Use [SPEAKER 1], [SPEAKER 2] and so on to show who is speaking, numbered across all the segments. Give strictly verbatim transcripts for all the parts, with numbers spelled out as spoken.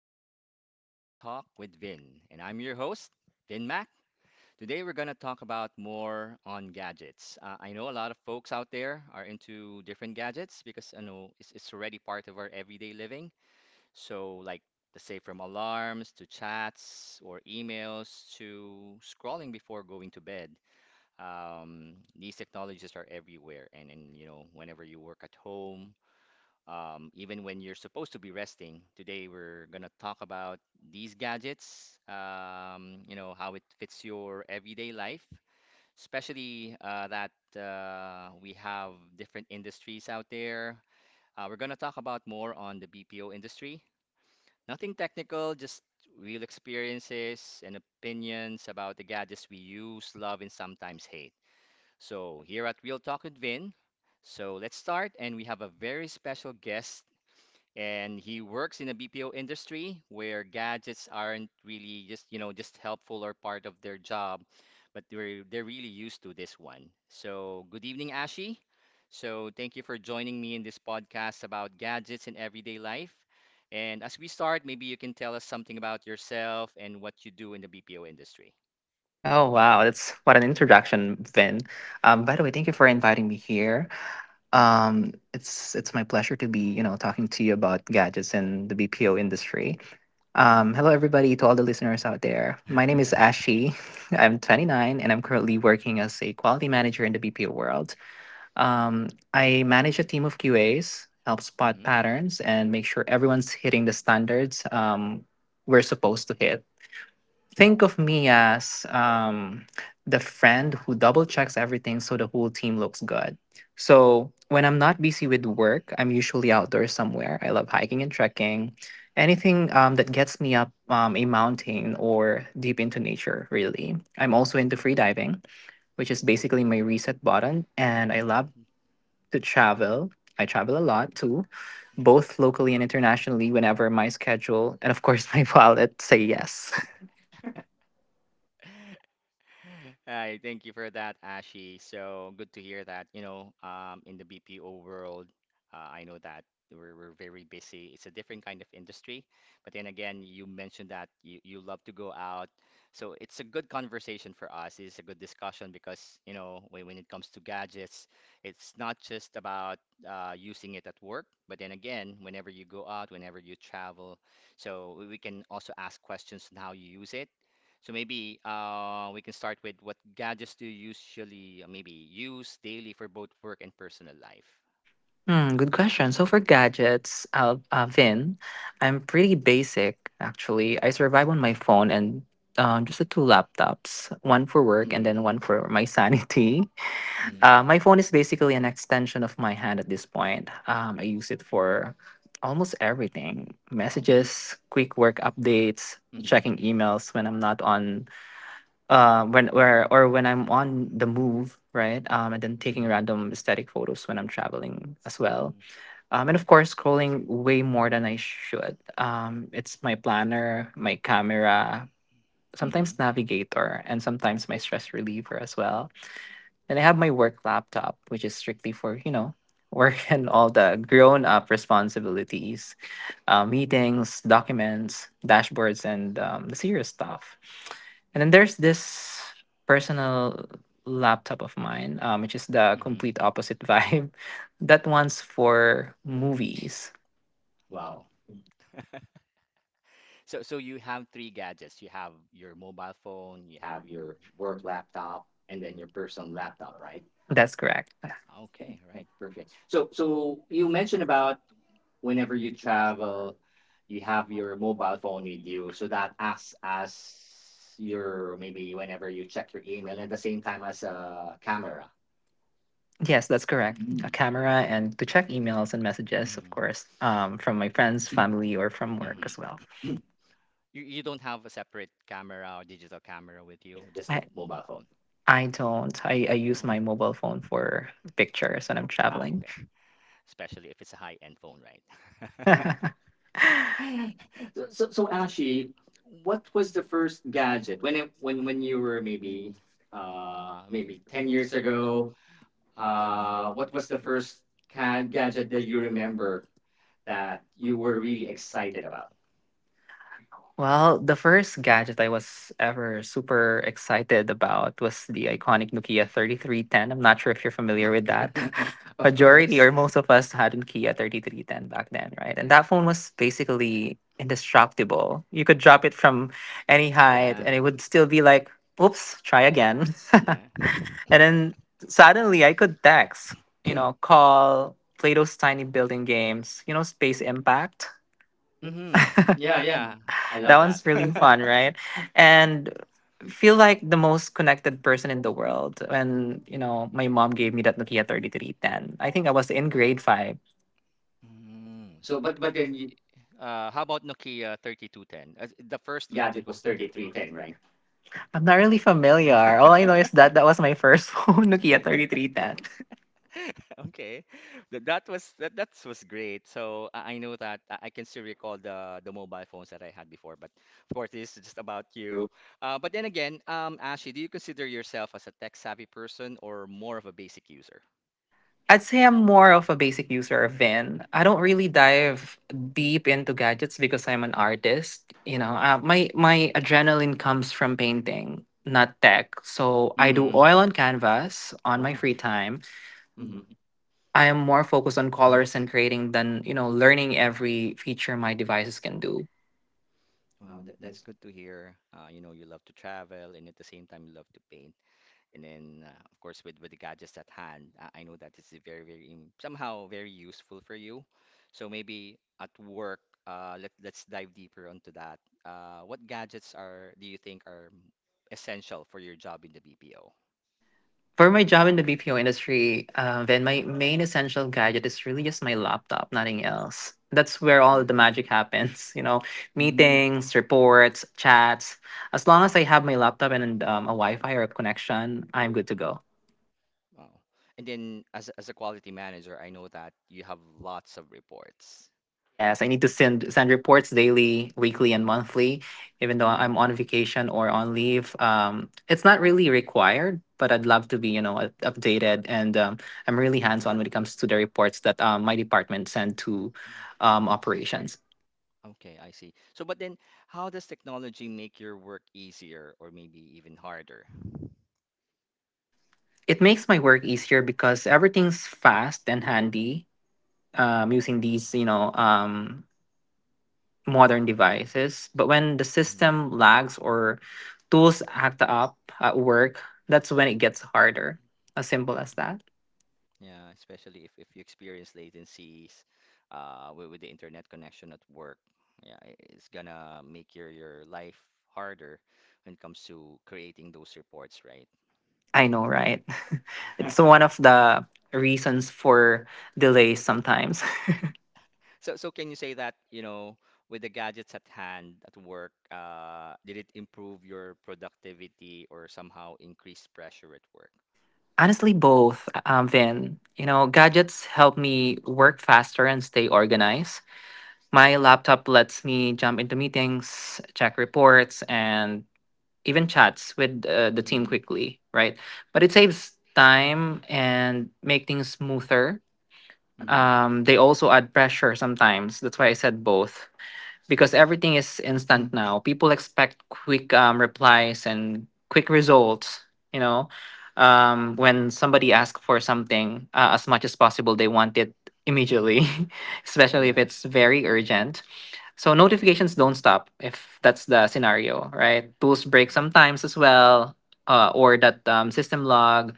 [SPEAKER 1] episode of Real Talk with Vin. And I'm your host, Vin Mac. Today we're going to talk about more on gadgets. Uh, I know a lot of folks out there are into different gadgets because I know it's, it's already part of our everyday living. So, like, let's say from alarms to chats or emails to scrolling before going to bed. Um, these technologies are everywhere. And, and, you know, whenever you work at home, um, even when you're supposed to be resting. Today, we're going to talk about these gadgets, um, you know, how it fits your everyday life, especially uh, that uh, we have different industries out there. Uh, we're going to talk about more on the B P O industry. Nothing technical, just real experiences and opinions about the gadgets we use, love, and sometimes hate. So, here at Real Talk with Vin, so let's start, and we have a very special guest and he works in a B P O industry where gadgets aren't really just, you know, just helpful or part of their job, but they're they're really used to this one. So, good evening, Ashi. So, thank you for joining me in this podcast about gadgets in everyday life. And as we start, maybe you can tell us something about yourself and what you do in the B P O industry.
[SPEAKER 2] Oh wow, that's what an introduction, Vin. Um, by the way, thank you for inviting me here. Um, it's it's my pleasure to be you know talking to you about gadgets and the B P O industry. Um, hello everybody to all the listeners out there. My name is Ashi. I'm twenty-nine and I'm currently working as a quality manager in the B P O world. Um, I manage a team of Q As, help spot
[SPEAKER 1] Mm-hmm.
[SPEAKER 2] patterns, and make sure everyone's hitting the standards um, we're supposed to hit. Think of me as um, the friend who double checks everything so the whole team looks good. So when I'm not busy with work, I'm usually outdoors somewhere. I love hiking and trekking, anything um, that gets me up um, a mountain or deep into nature, really. I'm also into free diving, which is basically my reset button. And I love to travel. I travel a lot too, both locally and internationally, whenever my schedule and, of course, my wallet say yes.
[SPEAKER 1] Hi, thank you for that, Ashi. So good to hear that, you know, um, in the B P O world, uh, I know that we're, we're very busy. It's a different kind of industry. But then again, you mentioned that you, you love to go out. So it's a good conversation for us. It's a good discussion because, you know, when, when it comes to gadgets, it's not just about uh, using it at work, but then again, whenever you go out, whenever you travel, so we we can also ask questions on how you use it so maybe uh, we can start with what gadgets do you usually uh, maybe use daily for both work and personal life?
[SPEAKER 2] Hmm, good question. So for gadgets, uh, uh, Vin, I'm pretty basic actually. I survive on my phone and um, just the two laptops, one for work and
[SPEAKER 1] Mm-hmm.
[SPEAKER 2] then one for my sanity.
[SPEAKER 1] Mm-hmm.
[SPEAKER 2] Uh, my phone is basically an extension of my hand at this point. Um, I use it for almost everything:
[SPEAKER 1] Wow.
[SPEAKER 2] messages, quick work updates,
[SPEAKER 1] Mm-hmm.
[SPEAKER 2] checking emails when I'm not on uh, when where or when I'm on the move, right? Um, and then taking
[SPEAKER 1] Mm-hmm.
[SPEAKER 2] random static photos when I'm traveling as well
[SPEAKER 1] Mm-hmm.
[SPEAKER 2] um, and of course, scrolling way more than I should. Um, it's my planner, my camera,
[SPEAKER 1] Mm-hmm.
[SPEAKER 2] sometimes navigator, and sometimes my stress reliever as well. And I have my work laptop, which is strictly for, you know, work and all the grown up responsibilities, uh, meetings, documents, dashboards, and um, the serious stuff. And then there's this personal laptop of mine, um, which is the
[SPEAKER 1] Mm-hmm.
[SPEAKER 2] complete opposite vibe. That one's for movies. Wow,
[SPEAKER 1] Wow. So so you have three gadgets. You have your mobile phone, you have your
[SPEAKER 2] you're
[SPEAKER 1] work laptop, and then your personal laptop, right?
[SPEAKER 2] that's correct.
[SPEAKER 1] Okay, right, perfect. So so
[SPEAKER 2] You
[SPEAKER 1] you
[SPEAKER 2] may
[SPEAKER 1] mentioned about whenever
[SPEAKER 2] whenever
[SPEAKER 1] you travel you have your mobile phone
[SPEAKER 2] you
[SPEAKER 1] with you.
[SPEAKER 2] use
[SPEAKER 1] So that acts as
[SPEAKER 2] your
[SPEAKER 1] your
[SPEAKER 2] maybe
[SPEAKER 1] maybe
[SPEAKER 2] when
[SPEAKER 1] whenever you check your email and at the same time as a camera.
[SPEAKER 2] Yes, that's correct. A
[SPEAKER 1] Mm, well,
[SPEAKER 2] camera and to check emails and messages, of
[SPEAKER 1] mhm,
[SPEAKER 2] course, um, from my friends, family, or from work
[SPEAKER 1] mhm.
[SPEAKER 2] as well.
[SPEAKER 1] You, you don't have a separate camera or digital camera with you,
[SPEAKER 2] Just
[SPEAKER 1] just the
[SPEAKER 2] I
[SPEAKER 1] f- mobile phone.
[SPEAKER 2] I don't. I, I use
[SPEAKER 1] No?
[SPEAKER 2] my mobile phone for pictures when I'm
[SPEAKER 1] Ah,
[SPEAKER 2] traveling.
[SPEAKER 1] okay. Especially if it's a high-end phone, right? So, so, so Ashi,
[SPEAKER 2] actually
[SPEAKER 1] what was the first
[SPEAKER 2] yeah
[SPEAKER 1] gadget when it, when
[SPEAKER 2] when
[SPEAKER 1] when you
[SPEAKER 2] you were
[SPEAKER 1] were
[SPEAKER 2] maybe
[SPEAKER 1] maybe
[SPEAKER 2] uh
[SPEAKER 1] uh
[SPEAKER 2] maybe
[SPEAKER 1] maybe ten
[SPEAKER 2] ten years
[SPEAKER 1] years ago.
[SPEAKER 2] ago, uh
[SPEAKER 1] Uh,
[SPEAKER 2] what
[SPEAKER 1] what
[SPEAKER 2] was
[SPEAKER 1] was
[SPEAKER 2] the
[SPEAKER 1] the first
[SPEAKER 2] first ca-
[SPEAKER 1] ca gadget
[SPEAKER 2] gadget
[SPEAKER 1] that
[SPEAKER 2] that you
[SPEAKER 1] you remember
[SPEAKER 2] remember
[SPEAKER 1] that
[SPEAKER 2] that you
[SPEAKER 1] you were
[SPEAKER 2] were really
[SPEAKER 1] really excited
[SPEAKER 2] excited
[SPEAKER 1] about?
[SPEAKER 2] about? Well, the first gadget I was ever super excited about was the iconic Nokia thirty-three ten. I'm not sure if you're familiar with that.
[SPEAKER 1] Of
[SPEAKER 2] Majority
[SPEAKER 1] course.
[SPEAKER 2] or most of us had a Nokia thirty-three ten back then, right? And
[SPEAKER 1] Yeah.
[SPEAKER 2] that phone was basically indestructible. You could drop it from any height
[SPEAKER 1] Yeah.
[SPEAKER 2] and it would still be like, oops, try again. And
[SPEAKER 1] Yeah.
[SPEAKER 2] then suddenly I could text, you know, call, play those tiny building games, you know, Space Impact.
[SPEAKER 1] Mm-hmm. Yeah, yeah. I
[SPEAKER 2] That
[SPEAKER 1] love that.
[SPEAKER 2] one's really fun, right? And feel like the most connected person in the world when, you know, my mom gave me that Nokia thirty-three ten. I think I was in grade five.
[SPEAKER 1] Mm. So, but but then, you, uh, how about Nokia thirty-two ten? As- The first gadget was thirty-three ten, right?
[SPEAKER 2] I'm not really familiar. All I know is that that was my first phone, Nokia thirty-three ten.
[SPEAKER 1] Okay, that that was that that was great. So I I know that I I can still recall the the mobile phones that I had before, but of course this is just about you. Uh, but then again, um, Ashley, do you consider yourself as a tech-savvy person or more of a basic user?
[SPEAKER 2] I'd say I'm more of a basic user of Vin. I don't really dive deep into gadgets because I'm an artist. You know, uh, my my adrenaline comes from painting, not tech. So I do
[SPEAKER 1] Mm-hmm.
[SPEAKER 2] oil on canvas on my
[SPEAKER 1] Wow.
[SPEAKER 2] free time.
[SPEAKER 1] Mm-hmm.
[SPEAKER 2] I am more focused on colors and creating than, you know, learning every feature my devices can do.
[SPEAKER 1] Wow, that, that's good to hear. Uh, you know, you love to travel and at the same time you love to paint. And then, uh, of course, with, with the gadgets at hand, I, I know that it's very, very im- somehow very useful for you. So maybe at work, uh, let, let's dive deeper onto that. Uh, what gadgets are do you think are essential for your job in the B P O?
[SPEAKER 2] For my job in the B P O industry, uh, then my main essential gadget is really just my laptop, nothing else. That's where all
[SPEAKER 1] Mm.
[SPEAKER 2] the magic happens, you know,
[SPEAKER 1] Mm.
[SPEAKER 2] meetings, reports, chats. As long as I have my laptop and um, a Wi Fi or a connection, I'm good to go.
[SPEAKER 1] Wow. And then, as, a- as a quality manager, I know that you have lots of reports.
[SPEAKER 2] Yes, I need to send send reports daily, weekly, and monthly, even though
[SPEAKER 1] Mm-hmm.
[SPEAKER 2] I'm on vacation or on leave. Um, it's not really required, but I'd love to be, you know, up- updated. And um, I'm really hands on when it comes to the reports that um, my department send to um, operations.
[SPEAKER 1] Okay, I see. So, but then how does technology make your work easier or maybe even harder?
[SPEAKER 2] It makes my work easier because everything's fast and handy. Um, using these, you know, um, modern devices. But when the
[SPEAKER 1] Hmm.
[SPEAKER 2] system lags or tools act up at work, that's when it gets harder. As simple as that.
[SPEAKER 1] Yeah, especially if, if you experience latencies uh, with, with the internet connection at work. Yeah, i- it's gonna make your, your life harder when it comes to creating those reports, right?
[SPEAKER 2] I know, right? It's one of the reasons for delays sometimes.
[SPEAKER 1] So, so can you say that, you know, with the gadgets at hand at work, uh, did it improve your productivity or somehow increase pressure at work?
[SPEAKER 2] Honestly, both, um, Vin. You know, gadgets help me work faster and stay organized. My laptop lets me jump into meetings, check reports, and even chats with uh, the team
[SPEAKER 1] Mm-hmm.
[SPEAKER 2] quickly, right? But it saves time and make things smoother.
[SPEAKER 1] Mm-hmm.
[SPEAKER 2] Um, they also add pressure sometimes. That's why I said both because everything is instant now. People expect quick um, replies and quick results. You know, um, when somebody asks for something, uh, as much as possible, they want it immediately, especially if
[SPEAKER 1] Yeah.
[SPEAKER 2] it's very urgent, so notifications don't stop if that's the scenario, right? Tools break
[SPEAKER 1] Mm-hmm.
[SPEAKER 2] sometimes as well, uh, or that um, system log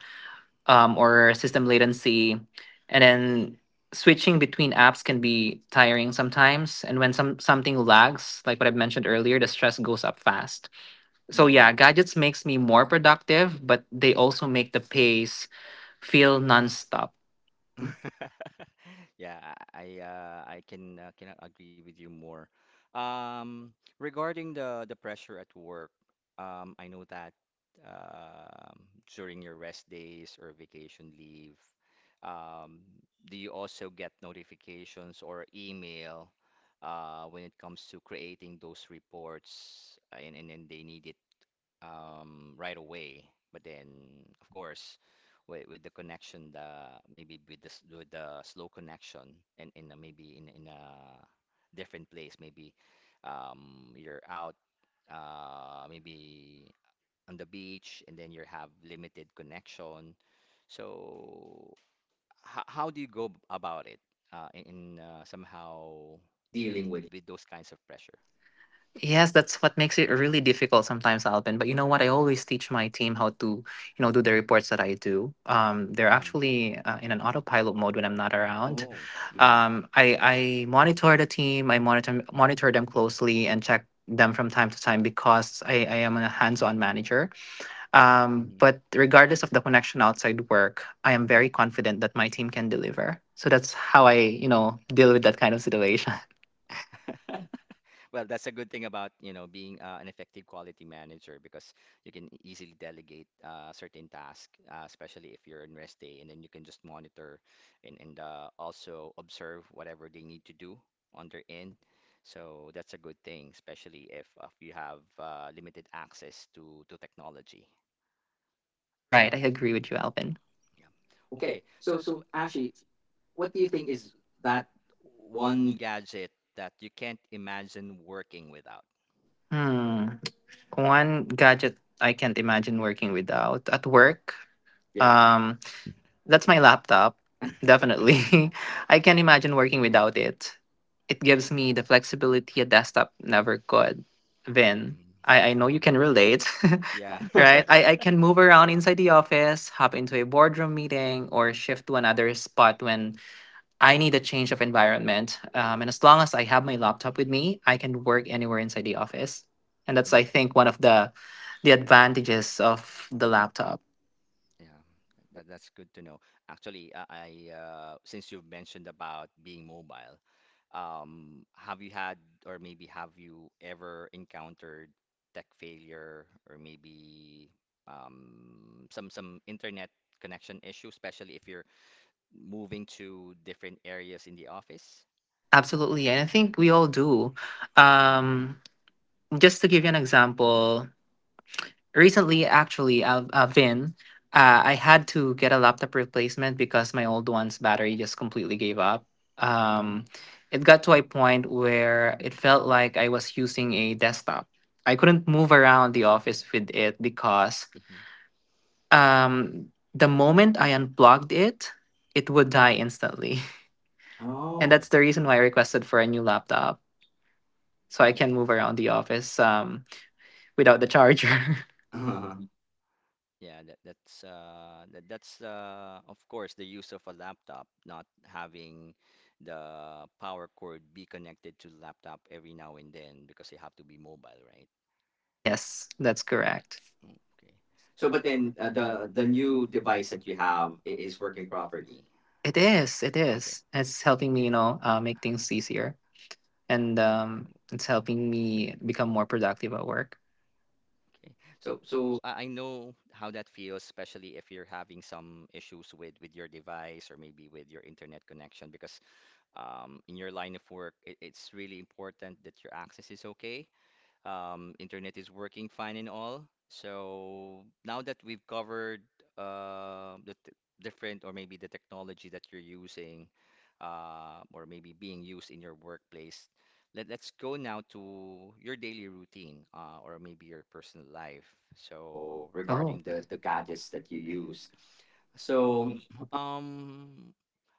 [SPEAKER 2] um, or system latency, and then switching between apps can be tiring sometimes. And when some something lags, like what I mentioned earlier, the stress goes up fast. So
[SPEAKER 1] Mm-hmm.
[SPEAKER 2] yeah, gadgets makes me more productive, but they also make the pace feel nonstop.
[SPEAKER 1] Yeah, I I, uh, I can uh, cannot agree with you more. Um, regarding the the pressure at work, um, I know that um during your rest days or vacation leave, um, do you also get notifications or email uh, when it comes to creating those reports uh, and and, and they need um, right away. But then, of course, with, with the connection, the maybe with the s- with the slow connection, and in a, maybe in in a different place, maybe um, you're out, uh, maybe on the beach, and then you have limited connection. So, h- how do you go b- about it uh, in, in uh, somehow dealing with with those kinds of pressure?
[SPEAKER 2] Yes, that's what makes it really difficult sometimes, Alvin. But you know what? I always teach my team how to, you know, do the reports that I do. Um, they're
[SPEAKER 1] Hmm.
[SPEAKER 2] actually uh, in an autopilot mode when I'm not around.
[SPEAKER 1] Oh,
[SPEAKER 2] Mhm.
[SPEAKER 1] hmm.
[SPEAKER 2] Um, I I monitor the team. I monitor monitor them closely and check them from time to time because I, I am a hands-on manager. Um,
[SPEAKER 1] Hmm.
[SPEAKER 2] but regardless of the connection outside work, I am very confident that my team can deliver. So that's how I, you know, deal with that kind of situation.
[SPEAKER 1] Well, that's a good thing about, you know, being uh, an effective quality manager because you can e-, easily delegate uh, certain tasks, uh, especially if you're on rest day, and then you can just monitor and, and uh, also observe whatever they need to do on their end. So that's a good thing, especially if, if you have uh, limited access to, to technology.
[SPEAKER 2] Right. I agree with you, Alvin.
[SPEAKER 1] Yeah. Okay.
[SPEAKER 2] So,
[SPEAKER 1] So, so
[SPEAKER 2] so Ashley,
[SPEAKER 1] Ashley, what
[SPEAKER 2] what do
[SPEAKER 1] do
[SPEAKER 2] you
[SPEAKER 1] you
[SPEAKER 2] think
[SPEAKER 1] think
[SPEAKER 2] is
[SPEAKER 1] is that
[SPEAKER 2] that
[SPEAKER 1] one
[SPEAKER 2] one?
[SPEAKER 1] gadget that you can't imagine working without?
[SPEAKER 2] Hmm. One gadget I can't imagine working without at work. Yeah.
[SPEAKER 1] Yeah.
[SPEAKER 2] Um, that's my laptop. Definitely, I can't imagine working without it. It gives me the flexibility a desktop never could. Vin,
[SPEAKER 1] Mm.
[SPEAKER 2] I, I know you
[SPEAKER 1] Mhm.
[SPEAKER 2] can relate. Yeah.
[SPEAKER 1] Yeah.
[SPEAKER 2] Right? I, I can move around inside the office, hop into a boardroom meeting, or shift to another spot when I need a change of environment. Um, and as long as I have my laptop with me, I can work anywhere inside the office. And that's, I
[SPEAKER 1] Mhm.
[SPEAKER 2] think, one of the the advantages of the laptop.
[SPEAKER 1] Yeah, that, that's good to know. Actually, uh, I uh, since you've mentioned about being mobile, um, have you had or maybe have you ever encountered tech failure or maybe um, some some internet connection issue, especially if you're moving to different areas in the office?
[SPEAKER 2] Absolutely, and I think we all do.
[SPEAKER 1] Hmm.
[SPEAKER 2] Um, just to give you an example, recently actually uh, uh vin, uh, I had to get a laptop replacement because my old one's battery just completely gave up.
[SPEAKER 1] Hmm.
[SPEAKER 2] um it got to a point where it felt like I was using a desktop. I couldn't move around the office with it because
[SPEAKER 1] Hmm.
[SPEAKER 2] um the moment I unplugged it, it would die instantly. And Oh. That's
[SPEAKER 1] Oh,
[SPEAKER 2] the reason why
[SPEAKER 1] wow.
[SPEAKER 2] I requested for a new laptop so I
[SPEAKER 1] Oh,
[SPEAKER 2] can move around the office um without the charger.
[SPEAKER 1] I, Yeah, that, that's uh, that, that's uh, of course the use of a laptop, not having the power cord be connected to the laptop every now and then because you have to be mobile, right?
[SPEAKER 2] Yes, that's correct.
[SPEAKER 1] Mm. Okay.
[SPEAKER 2] So,
[SPEAKER 1] So, but
[SPEAKER 2] but
[SPEAKER 1] then
[SPEAKER 2] then
[SPEAKER 1] uh,
[SPEAKER 2] uh,
[SPEAKER 1] the
[SPEAKER 2] the the
[SPEAKER 1] the new
[SPEAKER 2] new
[SPEAKER 1] device
[SPEAKER 2] device that
[SPEAKER 1] that you
[SPEAKER 2] you
[SPEAKER 1] have
[SPEAKER 2] have i-
[SPEAKER 1] i-
[SPEAKER 2] is
[SPEAKER 1] is working
[SPEAKER 2] working properly.
[SPEAKER 1] properly.
[SPEAKER 2] It is. It
[SPEAKER 1] Okay.
[SPEAKER 2] is. It's helping me, you know, uh, make things easier, and um, it's helping me become more productive at work.
[SPEAKER 1] Okay.
[SPEAKER 2] So,
[SPEAKER 1] So,
[SPEAKER 2] so
[SPEAKER 1] so I I know how that feels, especially if you're having some issues with with your device or maybe with your internet connection, because um, in your line of work, it, it's really important that your access is okay. Um, internet is working fine and all. So now that we've covered uh, the t different or maybe the technology that you're using uh, or maybe being used in your workplace, let, let's go now to your daily routine uh, or maybe your personal life. So regarding the, the gadgets that you
[SPEAKER 2] you
[SPEAKER 1] use,
[SPEAKER 2] use.
[SPEAKER 1] so, um,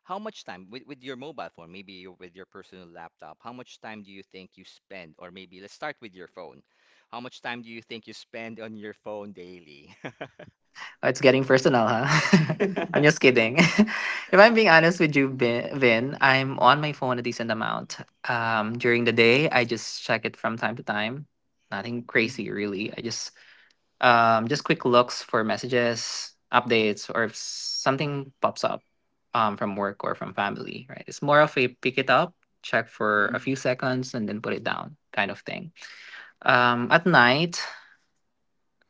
[SPEAKER 1] how much time with, with your mobile phone, maybe your, with your personal laptop, how much time do you think you spend? Or maybe let's start with your phone. How much time do you think you spend on your phone daily?
[SPEAKER 2] Oh, it's getting personal, huh? I'm just kidding. If I'm being honest with you, Vin, Vin, I'm on my phone a decent amount. Um, during the day, I just check it from time to time. Nothing
[SPEAKER 1] Mm,
[SPEAKER 2] crazy, really. I just um, Just quick looks for messages, updates, or if something pops up um, from work or from family, right? It's more of a pick it up, check for a
[SPEAKER 1] mm,
[SPEAKER 2] few seconds, and then put it down kind of thing. Um, at night,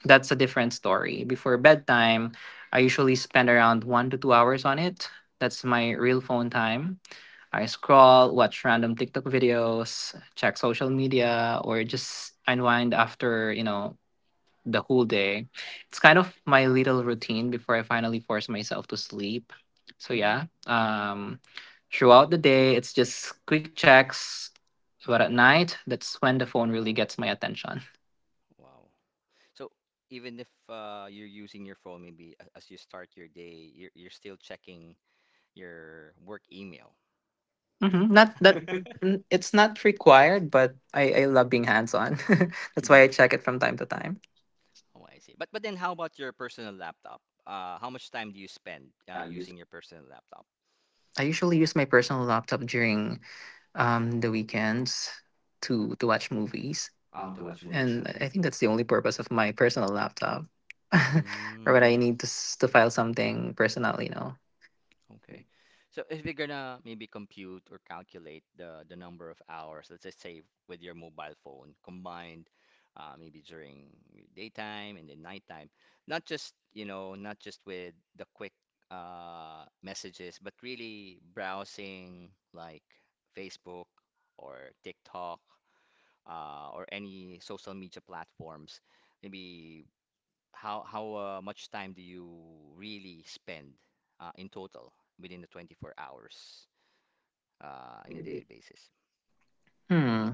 [SPEAKER 2] that's a different story. Before bedtime, I usually spend around one to two hours on it. That's my real phone time. I scroll, watch random TikTok videos, check social media, or just unwind after, you know, the whole day. It's kind of my little routine before I finally force myself to sleep. So yeah,
[SPEAKER 1] mm.
[SPEAKER 2] um, throughout the day, it's just quick checks. But at night, that's when the phone really gets my attention.
[SPEAKER 1] Wow. So even if uh, you're using your phone, maybe a- as you start your day, you're, you're still checking your work email.
[SPEAKER 2] hmm Not that, n- it's not required, but I, I love being hands on. That's why I check it from time to time.
[SPEAKER 1] Oh, I see. But but then how about your personal laptop? Uh, how much time do you spend uh,
[SPEAKER 2] I
[SPEAKER 1] using your personal laptop?
[SPEAKER 2] usually use my personal laptop during um, the weekends to to watch movies.
[SPEAKER 1] Uh, to watch movies
[SPEAKER 2] And
[SPEAKER 1] only.
[SPEAKER 2] I think that's the only purpose of my personal laptop, or
[SPEAKER 1] Mm,
[SPEAKER 2] when I need to s- to file something personal. You know,
[SPEAKER 1] okay. So if we're gonna maybe compute or calculate the the number of hours, let's just say with your mobile phone combined, uh, maybe during daytime and then nighttime, not just, you know, not just with the quick uh, messages, but really browsing like Facebook or TikTok, uh, or any social media platforms, maybe how how uh, much time do you really spend uh, in total within the twenty-four hours uh, in a daily basis?
[SPEAKER 2] hmm,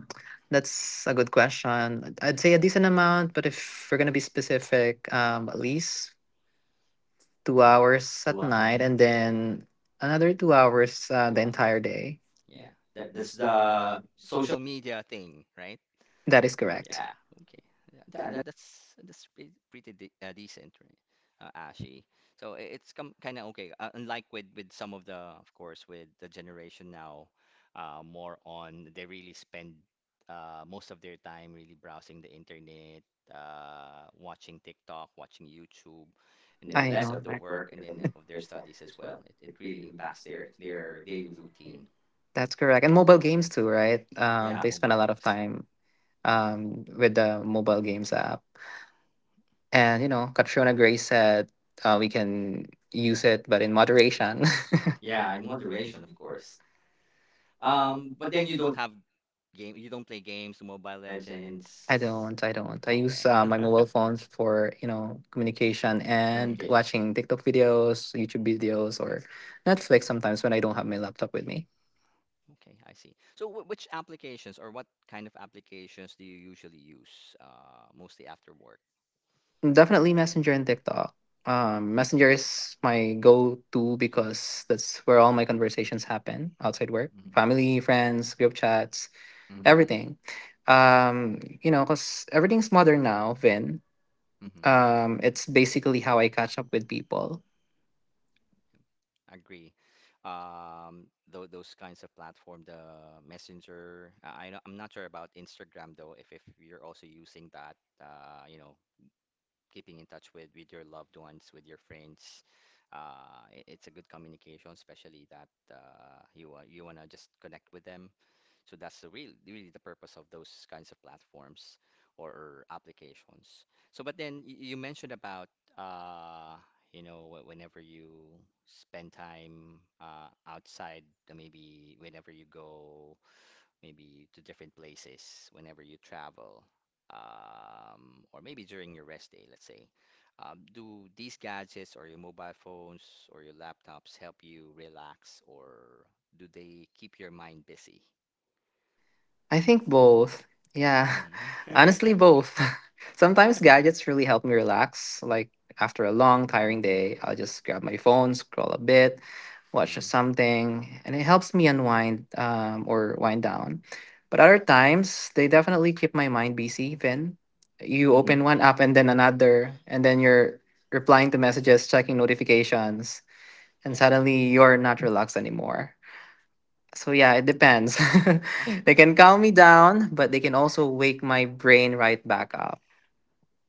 [SPEAKER 2] that's a good question. I'd say a decent amount, but if we're gonna be specific, um, at least two hours at.
[SPEAKER 1] Two
[SPEAKER 2] Wow.
[SPEAKER 1] hours.
[SPEAKER 2] Night, and then another two hours uh,
[SPEAKER 1] Two
[SPEAKER 2] the entire
[SPEAKER 1] hours.
[SPEAKER 2] day.
[SPEAKER 1] Yeah.
[SPEAKER 2] Yeah.
[SPEAKER 1] That
[SPEAKER 2] That,
[SPEAKER 1] that's
[SPEAKER 2] that's
[SPEAKER 1] the
[SPEAKER 2] the social.
[SPEAKER 1] social media thing, right?
[SPEAKER 2] That is correct.
[SPEAKER 1] Yeah,
[SPEAKER 2] Yeah.
[SPEAKER 1] okay. Yeah, that,
[SPEAKER 2] Yeah.
[SPEAKER 1] that that's that's pretty, pretty de uh, decent, right? Uh, Ashi. So I- it's com kind of okay. Uh, unlike with with some of the, of course, with the generation now, uh, more on they really spend uh, most of their time really browsing the internet, uh, watching TikTok, watching YouTube, and then
[SPEAKER 2] I that
[SPEAKER 1] less
[SPEAKER 2] know,
[SPEAKER 1] of
[SPEAKER 2] doesn't
[SPEAKER 1] the
[SPEAKER 2] right?
[SPEAKER 1] work
[SPEAKER 2] work
[SPEAKER 1] and
[SPEAKER 2] in
[SPEAKER 1] then
[SPEAKER 2] them
[SPEAKER 1] uh, of their
[SPEAKER 2] themselves
[SPEAKER 1] studies as
[SPEAKER 2] as
[SPEAKER 1] well.
[SPEAKER 2] well.
[SPEAKER 1] It it
[SPEAKER 2] It's
[SPEAKER 1] really
[SPEAKER 2] feeding them back
[SPEAKER 1] impacts their
[SPEAKER 2] their
[SPEAKER 1] their
[SPEAKER 2] their
[SPEAKER 1] daily
[SPEAKER 2] games.
[SPEAKER 1] routine.
[SPEAKER 2] That's correct. And mobile games too, right? Um, yeah,
[SPEAKER 1] Yeah,
[SPEAKER 2] they spend
[SPEAKER 1] mobile
[SPEAKER 2] a lot of
[SPEAKER 1] games.
[SPEAKER 2] time
[SPEAKER 1] Yeah,
[SPEAKER 2] um, with the mobile games app. And, you know, Katrina Grace said uh, we can use it, but in moderation.
[SPEAKER 1] yeah,
[SPEAKER 2] Yeah,
[SPEAKER 1] in
[SPEAKER 2] in
[SPEAKER 1] moderation,
[SPEAKER 2] moderation,
[SPEAKER 1] of
[SPEAKER 2] of
[SPEAKER 1] course.
[SPEAKER 2] course.
[SPEAKER 1] Um,
[SPEAKER 2] Um,
[SPEAKER 1] but
[SPEAKER 2] but
[SPEAKER 1] then
[SPEAKER 2] then
[SPEAKER 1] you
[SPEAKER 2] you
[SPEAKER 1] don't
[SPEAKER 2] don't.
[SPEAKER 1] have game, you don't play games,
[SPEAKER 2] My
[SPEAKER 1] Mobile
[SPEAKER 2] legends. I
[SPEAKER 1] Legends.
[SPEAKER 2] don't. I don't. I use
[SPEAKER 1] Okay.
[SPEAKER 2] uh, my mobile phones for you know communication and, okay,
[SPEAKER 1] Communication.
[SPEAKER 2] watching TikTok videos, YouTube videos, or Netflix sometimes when I don't have my laptop with me.
[SPEAKER 1] Okay, I see. So wh- which applications or what kind of applications do you usually use uh mostly after work?
[SPEAKER 2] Definitely Messenger and TikTok. Um, Messenger
[SPEAKER 1] Messenger, TikTok.
[SPEAKER 2] is my go-to because that's where all my conversations happen outside work,
[SPEAKER 1] Mm.
[SPEAKER 2] family, friends, group chats, mhm,
[SPEAKER 1] Mm-hmm.
[SPEAKER 2] everything. Um, you know, cause everything's modern now, Vin.
[SPEAKER 1] Mm-hmm.
[SPEAKER 2] Um, it's basically how I catch up with people.
[SPEAKER 1] Agree. Um, tho those kinds of platform, the Messenger. I I know I'm not sure about Instagram though, if if you're also using that, uh, you know, keeping in touch with with your loved ones, with your friends. Uh, i- it's a good communication, especially that uh, you wa- you want to just connect with them. So that's the real really the purpose of those kinds of platforms or or applications. So, but then y- you mentioned about uh, you know wh- whenever you spend time uh, outside, uh, maybe whenever you go maybe to different places whenever you travel, um, or maybe during your rest day, let's say. Um, do these gadgets or your mobile phones or your laptops help you relax, or do they keep your mind busy?
[SPEAKER 2] I think both. Yeah.
[SPEAKER 1] Hmm.
[SPEAKER 2] Honestly, both. Sometimes gadgets really help me relax. Like after a long, tiring day, I'll just grab my phone, scroll a bit, watch
[SPEAKER 1] Hmm.
[SPEAKER 2] something, and it helps me unwind um, or wind down. But other times, they definitely keep my mind busy, Vin. You
[SPEAKER 1] Hmm.
[SPEAKER 2] open one app and then another, and then you're replying to messages, checking notifications, and
[SPEAKER 1] Yeah.
[SPEAKER 2] suddenly you're not relaxed anymore. So yeah, it depends. They can calm me down, but they can also wake my brain right back up.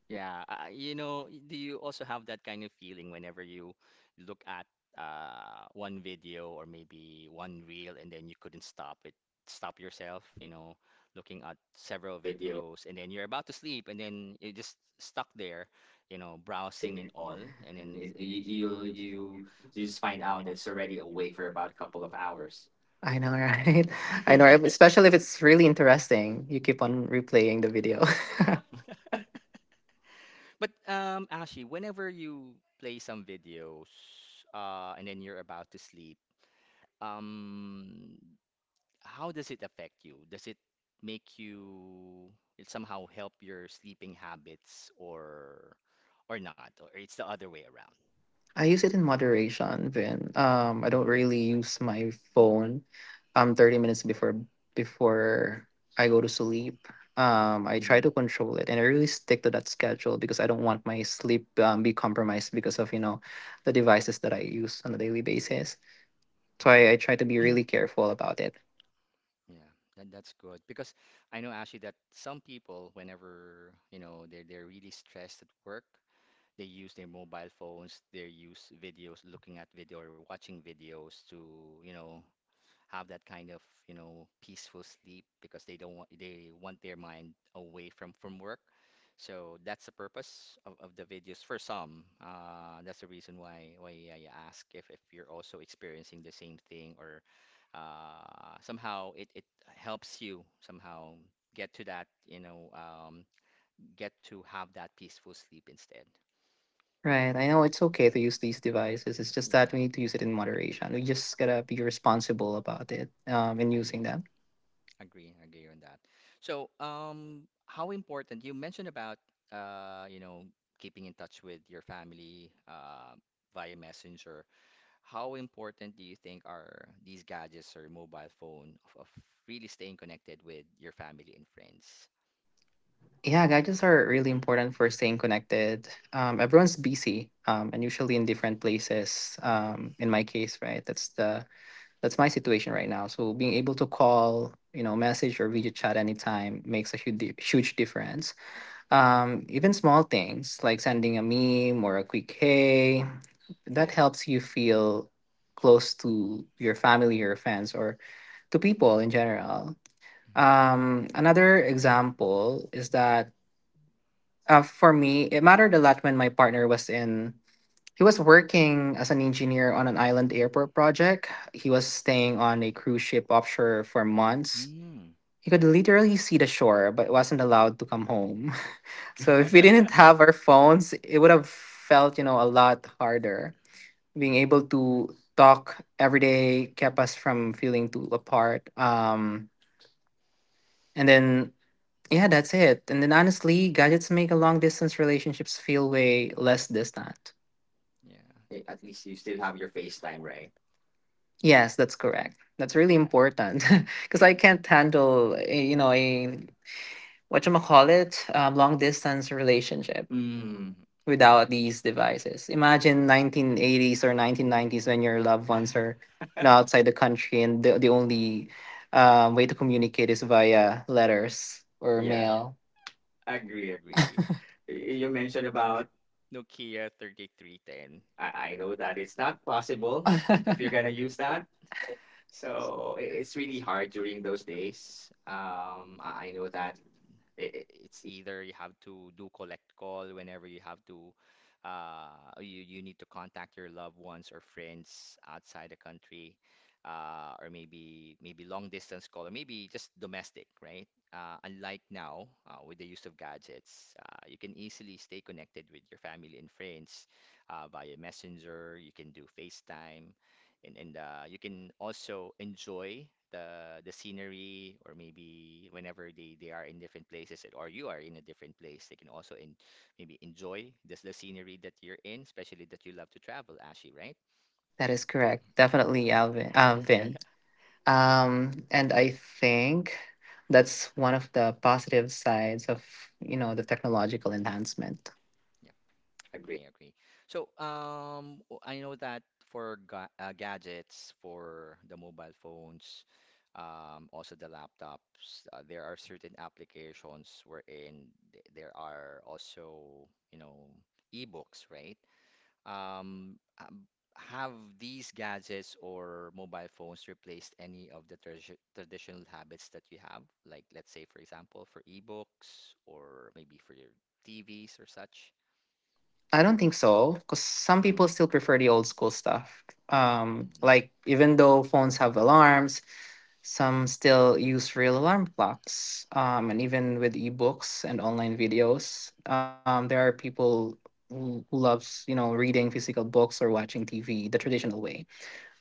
[SPEAKER 1] Yeah, uh, you know, do you also have that kind of feeling whenever you look at uh, one video or maybe one reel and then you couldn't stop it, stop yourself, you know, looking at several videos and then you're about to sleep and then you're just stuck there, you know, browsing and all, and then it, you, you'll you you just find out that it's already awake for about a couple of hours.
[SPEAKER 2] I know, right? I know, especially if it's really interesting. You keep on replaying the video.
[SPEAKER 1] But um, Ashi, whenever you play some videos uh, and then you're about to sleep. Um, how does it affect you? Does it make you it somehow help your sleeping habits or or not? Or it's the other way around.
[SPEAKER 2] I use it in moderation, Vin. Um, I don't
[SPEAKER 1] Hmm.
[SPEAKER 2] really use my phone um, thirty minutes before before I go to sleep. Um, I try
[SPEAKER 1] Hmm.
[SPEAKER 2] to control it, and I really stick to that schedule because I don't want my sleep um, be compromised because of you know the devices that I use on a daily basis. So I, I try to be really careful about it.
[SPEAKER 1] Yeah, that, that's good because I know actually that some people, whenever you know they're they're really stressed at work, they use their mobile phones, they use videos, looking at video or watching videos to you know have that kind of, you know, peaceful sleep because they don't want they want their mind away from from work. So that's the purpose of, of the videos for some. Uh, that's the reason why why I ask if, if you're also experiencing the same thing or uh, somehow it, it helps you somehow get to that, you know, um, get to have that peaceful sleep instead.
[SPEAKER 2] Right. I know it's okay to use these devices. It's just
[SPEAKER 1] Yeah,
[SPEAKER 2] that we need to use it in moderation. We just gotta be responsible about it um, and
[SPEAKER 1] I,
[SPEAKER 2] using them.
[SPEAKER 1] agree, agree on that. So, um, how important you mentioned about uh, you know, keeping in touch with your family uh, via Messenger. How important do you think are these gadgets or mobile phone of, of really staying connected with your family and friends?
[SPEAKER 2] Yeah, gadgets are really important for staying connected. Um, everyone's busy, um, and usually in different places. Um, in my case, right, that's the that's my situation right now. So being able to call, you know, message or video chat anytime makes a huge huge difference. Um, even small things like sending a meme or a quick hey, that
[SPEAKER 1] Yeah.
[SPEAKER 2] helps you feel close to your family or friends or to people in general.
[SPEAKER 1] Hmm.
[SPEAKER 2] Um, another example is that uh, for me, it mattered a lot when my partner was in. He was working as an engineer on an island airport project. He was staying on a cruise ship offshore for months.
[SPEAKER 1] Mm.
[SPEAKER 2] He could literally see the shore, but wasn't allowed to come home. So if we didn't have our phones, it would have felt, you know, a lot harder. Being
[SPEAKER 1] Mhm.
[SPEAKER 2] able to talk every day kept us from feeling too apart. Um, and then yeah, that's it. And then honestly, gadgets make a long distance relationships feel way less distant.
[SPEAKER 1] Yeah. Eh, At least you still have your FaceTime, right?
[SPEAKER 2] Yes, that's correct. That's really
[SPEAKER 1] Yeah.
[SPEAKER 2] important because I can't handle, a- you know, a what you call it, um, long distance relationship. Mm.
[SPEAKER 1] Mm.
[SPEAKER 2] Without these devices. Imagine nineteen eighties or nineteen nineties when your loved ones are you know, outside the country and the the only um, way to communicate is via letters or, yeah,
[SPEAKER 1] Yeah.
[SPEAKER 2] mail.
[SPEAKER 1] Agree, agree.
[SPEAKER 2] Y-
[SPEAKER 1] Y- You
[SPEAKER 2] You
[SPEAKER 1] mentioned about Nokia thirty-three ten. I, I know that it's not
[SPEAKER 2] mail
[SPEAKER 1] possible if you're gonna
[SPEAKER 2] because
[SPEAKER 1] use that. So i-
[SPEAKER 2] it's
[SPEAKER 1] it's
[SPEAKER 2] really
[SPEAKER 1] really
[SPEAKER 2] hard
[SPEAKER 1] hard
[SPEAKER 2] during
[SPEAKER 1] during
[SPEAKER 2] those
[SPEAKER 1] those
[SPEAKER 2] days.
[SPEAKER 1] days.
[SPEAKER 2] Um,
[SPEAKER 1] Um,
[SPEAKER 2] I
[SPEAKER 1] I I
[SPEAKER 2] I
[SPEAKER 1] know
[SPEAKER 2] know
[SPEAKER 1] that
[SPEAKER 2] that.
[SPEAKER 1] i-
[SPEAKER 2] It,
[SPEAKER 1] i- it's either you have to do collect call whenever you have to, uh, you, you need to contact your loved ones or friends outside the country, uh, or maybe maybe long distance call, or maybe just domestic, right? Uh, unlike now, uh, with the use of gadgets, uh, you can easily stay connected with your family and friends uh, via Messenger. You can do FaceTime and and uh, you can also enjoy the the scenery or maybe whenever they they are in different places and- or you are in a different place they can also in, maybe enjoy this the scenery that you're in, especially that you love to travel, Ashi, right?
[SPEAKER 2] that is correct. Definitely, Alvin. Uh, Vin. Um, and I think that's one of the positive sides of you know the technological enhancement.
[SPEAKER 1] Agree, agree. So, um, w- I know that for ga uh, gadgets, for the mobile phones, um, also the laptops, uh, there are certain applications wherein th- there are also, you know, e-books, right? Um, um, have these gadgets or mobile phones replaced any of the tradi traditional habits that you have? Like, let's say, for example, for e-books or maybe for your T Vs or such?
[SPEAKER 2] I don't think so, because some people
[SPEAKER 1] Mm,
[SPEAKER 2] still prefer the old school stuff. Um,
[SPEAKER 1] yeah,
[SPEAKER 2] like even though phones have alarms, some still use real alarm clocks. Um, and even with ebooks and online videos, um, there are people who who loves you know reading physical books or watching T V the traditional way.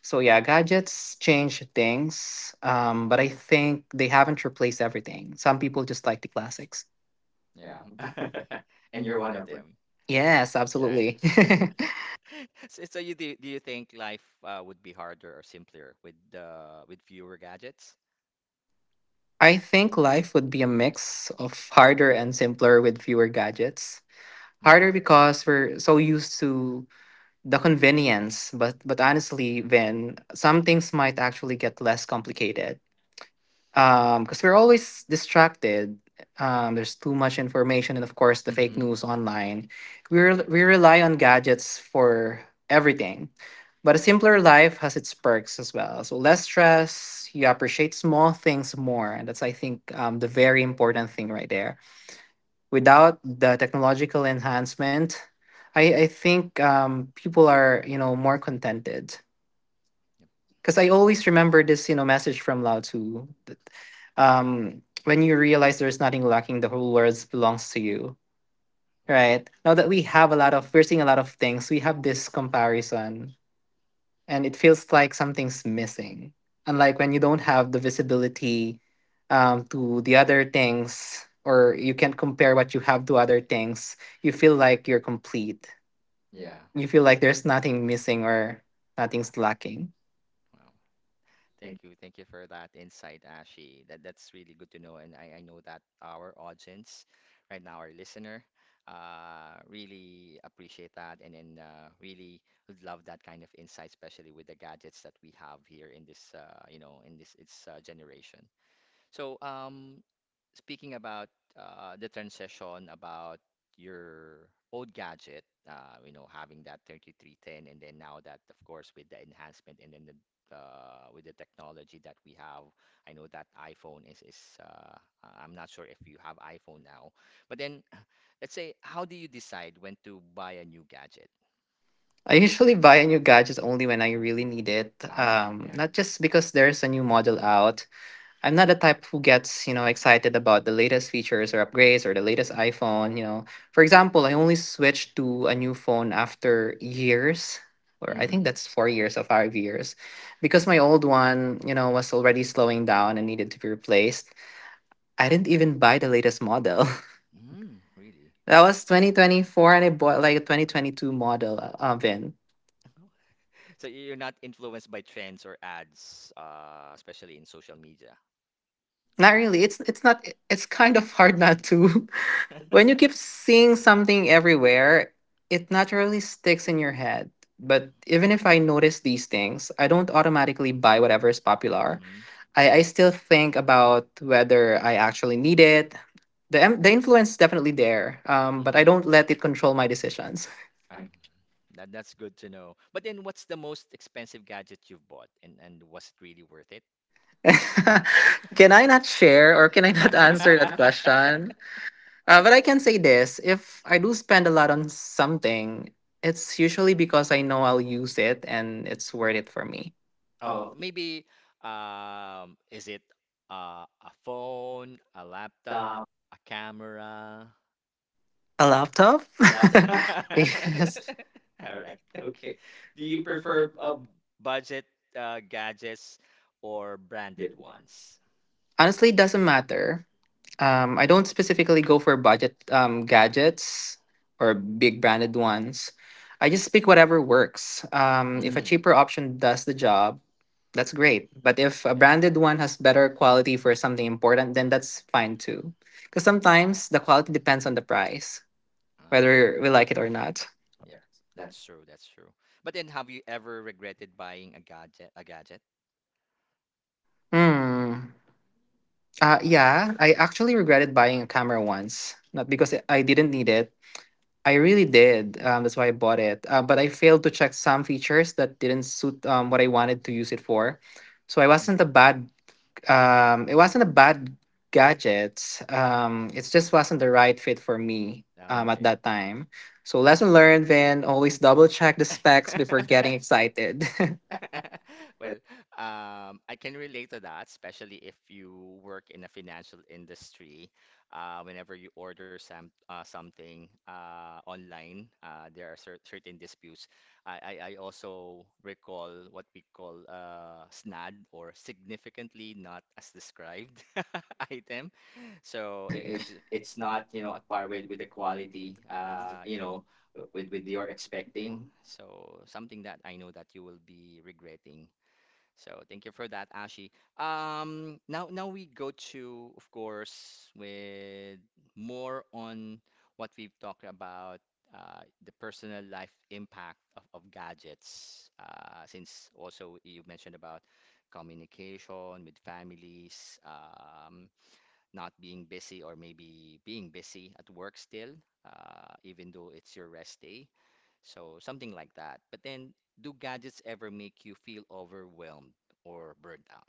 [SPEAKER 2] So yeah, gadgets change things, um, but I think they haven't replaced everything. Some people just like the classics.
[SPEAKER 1] yeah.
[SPEAKER 2] Yeah.
[SPEAKER 1] And
[SPEAKER 2] And
[SPEAKER 1] you're
[SPEAKER 2] you're
[SPEAKER 1] one
[SPEAKER 2] one
[SPEAKER 1] of
[SPEAKER 2] of them.
[SPEAKER 1] them.
[SPEAKER 2] Yes,
[SPEAKER 1] Yeah.
[SPEAKER 2] absolutely.
[SPEAKER 1] So, so you do, do you think life uh, would be harder or simpler with uh, with fewer gadgets?
[SPEAKER 2] I think life would be a mix of harder and simpler with fewer gadgets.
[SPEAKER 1] Mm-hmm.
[SPEAKER 2] Harder because we're so used to the convenience, but but honestly, Vin, some things might actually get less complicated. Um, because we're always distracted. Um, there's too much information, and of course, the fake,
[SPEAKER 1] Mm-hmm.
[SPEAKER 2] mhm, news online. We rel
[SPEAKER 1] Agree.
[SPEAKER 2] we rely on gadgets for everything, but a simpler life has its perks as well. So less stress, you appreciate small things more, and that's I think um, the very important thing right there. Without the technological enhancement, I I think um, people are you know more contented
[SPEAKER 1] Yep.
[SPEAKER 2] because I always remember this, you know, message from Lao Tzu. That, um, when you realize there's nothing lacking, the whole world belongs to you,
[SPEAKER 1] Wow.
[SPEAKER 2] right? Now that we have a lot of, we're seeing a lot of things, we have this comparison, and it
[SPEAKER 1] Yep.
[SPEAKER 2] feels like something's missing. Unlike when you don't have the visibility um, to the other things, or you can't compare what you have to other things, you feel like you're complete.
[SPEAKER 1] Yeah.
[SPEAKER 2] You feel like there's nothing missing or nothing's lacking.
[SPEAKER 1] Wow. Thank you. Thank you for that insight, Ashi. That that's really good to know. And I, I know that our audience right now, our listener, uh, really appreciate that and then uh, really would love that kind of insight, especially with the gadgets that we have here in this uh, you know, in this its uh, generation. So um, speaking about uh, the transition about your old gadget, uh, you know, having that thirty-three ten, and then now that, of course, with the enhancement and then the uh, with the technology that we have, I know that iPhone is is uh, I'm not sure if you have iPhone now, but then let's say, how do you decide when to buy a new gadget?
[SPEAKER 2] I usually buy a new gadget only when I really need it.
[SPEAKER 1] Oh,
[SPEAKER 2] Um,
[SPEAKER 1] yeah.
[SPEAKER 2] not just because there's a new model out. I'm not the type who gets, you know, excited about the latest features or upgrades or the latest iPhone, you know. For example, I only switched to a new phone after years, or I
[SPEAKER 1] Mm-hmm.
[SPEAKER 2] think hmm that's four years or five years, because my old one, you know, was already slowing down and needed to be replaced. I didn't even buy the latest model.
[SPEAKER 1] Mm, really?
[SPEAKER 2] That was twenty twenty-four and I bought like a twenty twenty-two model uh, of it.
[SPEAKER 1] So you're not influenced by trends or ads, uh, especially in social media.
[SPEAKER 2] Not really. It's it's not, it's kind of hard not to. When you keep seeing something everywhere, it naturally sticks in your head. But even if I notice these things, I don't automatically buy whatever is popular. I, I still think about whether I actually need it. The, em- the influence is definitely there, um, but
[SPEAKER 1] Mhm.
[SPEAKER 2] I don't let it control my decisions.
[SPEAKER 1] that, that's good to know. But then, what's the most expensive gadget you've bought, and and was it really worth it?
[SPEAKER 2] Can I not share or can I not answer that question? Uh, but I can say this if I do spend a lot on something, it's usually because I know I'll use it and it's worth it for me.
[SPEAKER 1] Oh,
[SPEAKER 2] Oh,
[SPEAKER 1] maybe um, is it uh, a phone, a
[SPEAKER 2] laptop.
[SPEAKER 1] laptop, a camera?
[SPEAKER 2] A laptop?
[SPEAKER 1] Laptop. All right. Okay. Do you prefer uh, budget uh, gadgets or branded ones?
[SPEAKER 2] Honestly, it doesn't matter. Um, I don't specifically go for budget um, gadgets or big branded ones. I just pick whatever works. Um, if a
[SPEAKER 1] Mm,
[SPEAKER 2] cheaper option does the job, that's great. But if a
[SPEAKER 1] okay.
[SPEAKER 2] branded one has better quality for something important, then that's fine too. Because
[SPEAKER 1] Oh,
[SPEAKER 2] sometimes the quality depends on the price,
[SPEAKER 1] oh,
[SPEAKER 2] whether we like it or not.
[SPEAKER 1] yep, that's true. That's true. But then, have you ever regretted buying a gadget? A gadget?
[SPEAKER 2] Hmm. Uh, yeah, I actually regretted buying a camera once. Not because I I didn't need it, I really did. Um, that's why I bought it. Uh, but I failed to check some features that didn't suit um, what I wanted to use it for. So I wasn't
[SPEAKER 1] Hmm.
[SPEAKER 2] a bad. Um, it wasn't a bad gadget. Um, it just wasn't the right fit for me um, at
[SPEAKER 1] Okay.
[SPEAKER 2] that time. So lesson learned, Vin. Always double check the specs before getting excited.
[SPEAKER 1] Well, um, I can relate to that, especially if you work in a financial industry. Uh, whenever you order some uh, something uh, online, uh, there are cer certain disputes. I, I, I also recall what we call uh, SNAD or significantly not as described item. So i- if it's not, you know, at par
[SPEAKER 2] with
[SPEAKER 1] with
[SPEAKER 2] with
[SPEAKER 1] with
[SPEAKER 2] the
[SPEAKER 1] the
[SPEAKER 2] quality
[SPEAKER 1] quality,
[SPEAKER 2] uh
[SPEAKER 1] uh,
[SPEAKER 2] you
[SPEAKER 1] you
[SPEAKER 2] know
[SPEAKER 1] know, w- with
[SPEAKER 2] with
[SPEAKER 1] with
[SPEAKER 2] with your
[SPEAKER 1] your expecting,
[SPEAKER 2] expecting
[SPEAKER 1] so something that I know that you will be regretting. So thank you for that, Ashi. Um, now now we go to, of course, with more on what we've talked about. Uh, the personal life impact of, of gadgets, uh, since also you mentioned about communication with families, um, not being busy or maybe being busy at work still, uh, even though it's your rest day. So something like that. But then, do gadgets ever make you feel overwhelmed or burnt out?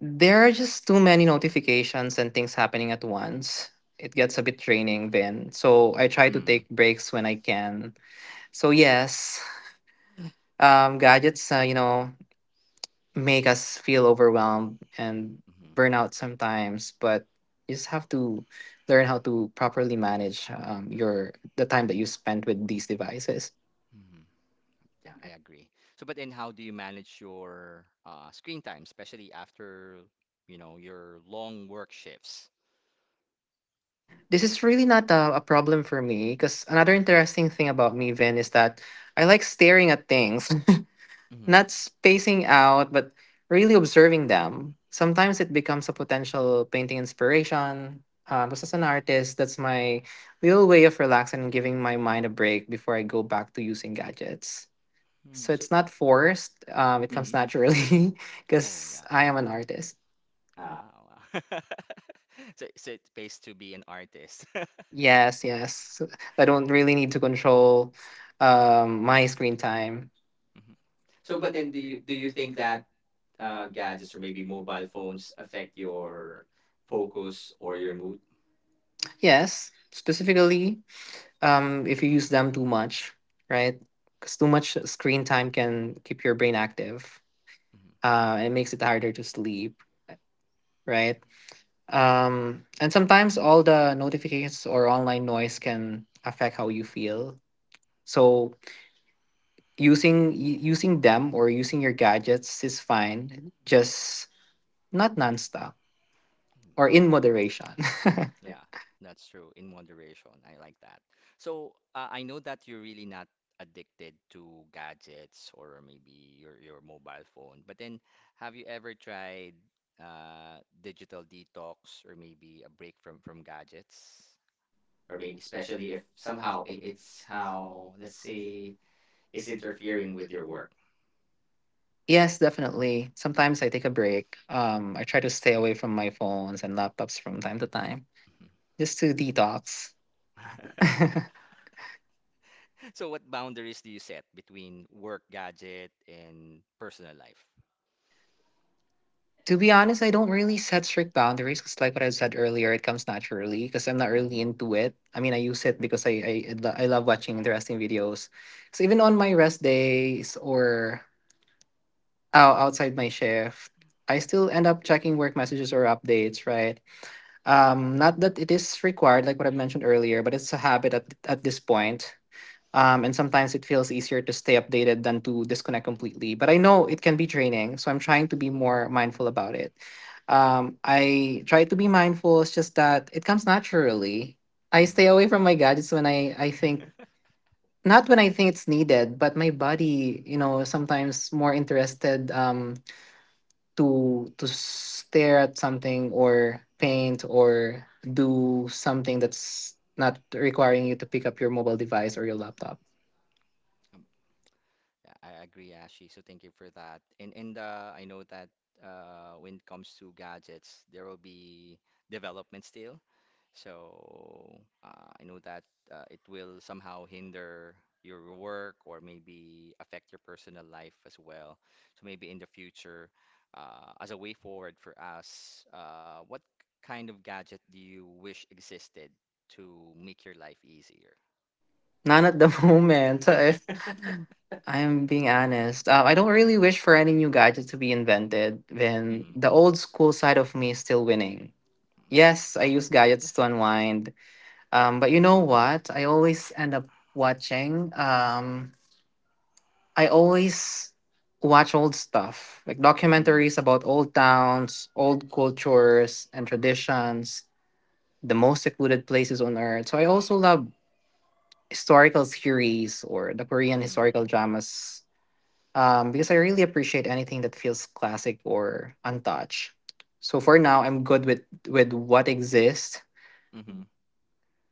[SPEAKER 2] There are just too many notifications and things happening at once. It gets a bit draining then. So I try to
[SPEAKER 1] Mm,
[SPEAKER 2] take breaks when I can. So yes, um, gadgets, uh, you know, make us feel overwhelmed and burn
[SPEAKER 1] hmm.
[SPEAKER 2] out sometimes, but you just have to learn how to properly manage um, your the time that you spend with these devices.
[SPEAKER 1] Hmm. Yeah, I agree. So, but then, how do you manage your uh, screen time, especially after, you know, your long work shifts?
[SPEAKER 2] This is really not a, a problem for me because another interesting thing about me, Vin, is that I like staring at things.
[SPEAKER 1] Mm-hmm.
[SPEAKER 2] Not spacing out, but really observing them. Sometimes it becomes a potential painting inspiration. Um, because as an artist, that's my little way of relaxing and giving my mind a break before I go back to using gadgets.
[SPEAKER 1] Mm, so,
[SPEAKER 2] It's not forced, um, it comes
[SPEAKER 1] mm-hmm.
[SPEAKER 2] naturally
[SPEAKER 1] Oh,
[SPEAKER 2] because
[SPEAKER 1] yeah.
[SPEAKER 2] I am an artist.
[SPEAKER 1] Ah, oh, wow. So, so it pays to be an artist.
[SPEAKER 2] Yes, yes. So I don't really need to control um, my screen time.
[SPEAKER 1] Mhm. So,
[SPEAKER 2] So, but
[SPEAKER 1] but then
[SPEAKER 2] then
[SPEAKER 1] do
[SPEAKER 2] do you,
[SPEAKER 1] you
[SPEAKER 2] do
[SPEAKER 1] do you
[SPEAKER 2] you think
[SPEAKER 1] think that
[SPEAKER 2] that uh,
[SPEAKER 1] uh,
[SPEAKER 2] gadgets
[SPEAKER 1] gadgets
[SPEAKER 2] or
[SPEAKER 1] or
[SPEAKER 2] maybe
[SPEAKER 1] maybe
[SPEAKER 2] mobile
[SPEAKER 1] mobile phones
[SPEAKER 2] phones
[SPEAKER 1] affect
[SPEAKER 2] affect
[SPEAKER 1] your
[SPEAKER 2] your
[SPEAKER 1] focus
[SPEAKER 2] focus
[SPEAKER 1] or
[SPEAKER 2] or
[SPEAKER 1] your
[SPEAKER 2] your mood?
[SPEAKER 1] mood?
[SPEAKER 2] Yes, specifically, um, if you use them too much, right? Because too much screen time can keep your brain active.
[SPEAKER 1] Mhm.
[SPEAKER 2] Uh, it makes it harder to sleep, right? Um, and sometimes all the notifications or online noise can affect how you feel. So using y- using them or using your gadgets is fine. Just not nonstop
[SPEAKER 1] Mm,
[SPEAKER 2] or in moderation.
[SPEAKER 1] yeah, that's true. In moderation, I like that. So, uh, I know that you're really not addicted to gadgets or maybe your your mobile phone. But then, have you ever tried uh, digital detox or maybe a break from from gadgets? Or maybe especially if somehow i- it's how, let's say, it's interfering with your work.
[SPEAKER 2] Yes, yes, definitely. Sometimes I take a break. Um, I try to stay away from my phones and laptops from time to time just to detox.
[SPEAKER 1] So what boundaries do you set between work gadget and personal life?
[SPEAKER 2] To be honest, I don't really set strict boundaries because, like what I said earlier, it comes naturally because I'm not
[SPEAKER 1] Hmm.
[SPEAKER 2] really into it. I mean, I use it because I I, I lo- I love watching interesting videos. So even on my rest days or out, outside my shift, I still end up checking work messages or updates, right? Um, not that it is required, like what I mentioned earlier, but it's a habit at, at this point. Um, and sometimes it feels easier to stay updated than to disconnect completely. But I know it can be draining, so I'm trying to be more mindful about it. Um, I try to be mindful, it's just that it comes naturally. I
[SPEAKER 1] Hmm.
[SPEAKER 2] stay away from my gadgets when I, I think, not when I think it's needed, but my body, you know, sometimes more interested. Um, to to stare at something or paint or do something that's not requiring you to pick up your mobile device or your laptop.
[SPEAKER 1] Um, I I agree, Ashi. So thank you for that. And and uh, I know that uh, when it comes to gadgets, there will be development still. So uh, I know that uh, it will somehow hinder your work or maybe affect your personal life as well. So maybe in the future, uh, as a way forward for us, uh, what kind of gadget do you wish existed to make your life easier?
[SPEAKER 2] None at the moment. So if I'm being honest, uh, I don't really wish for any new gadget to be invented when
[SPEAKER 1] Hmm.
[SPEAKER 2] the old school side of me is still winning. Yes, I use gadgets to unwind. Um, but you know what? I always end up watching. Um, I always watch old stuff, like
[SPEAKER 1] Hmm.
[SPEAKER 2] documentaries about old towns, old cultures and traditions, the most secluded places on earth. So I also love historical series or the Korean historical
[SPEAKER 1] Hmm.
[SPEAKER 2] dramas um, because I really appreciate anything that feels classic or untouched. So for now, I'm good with with what exists.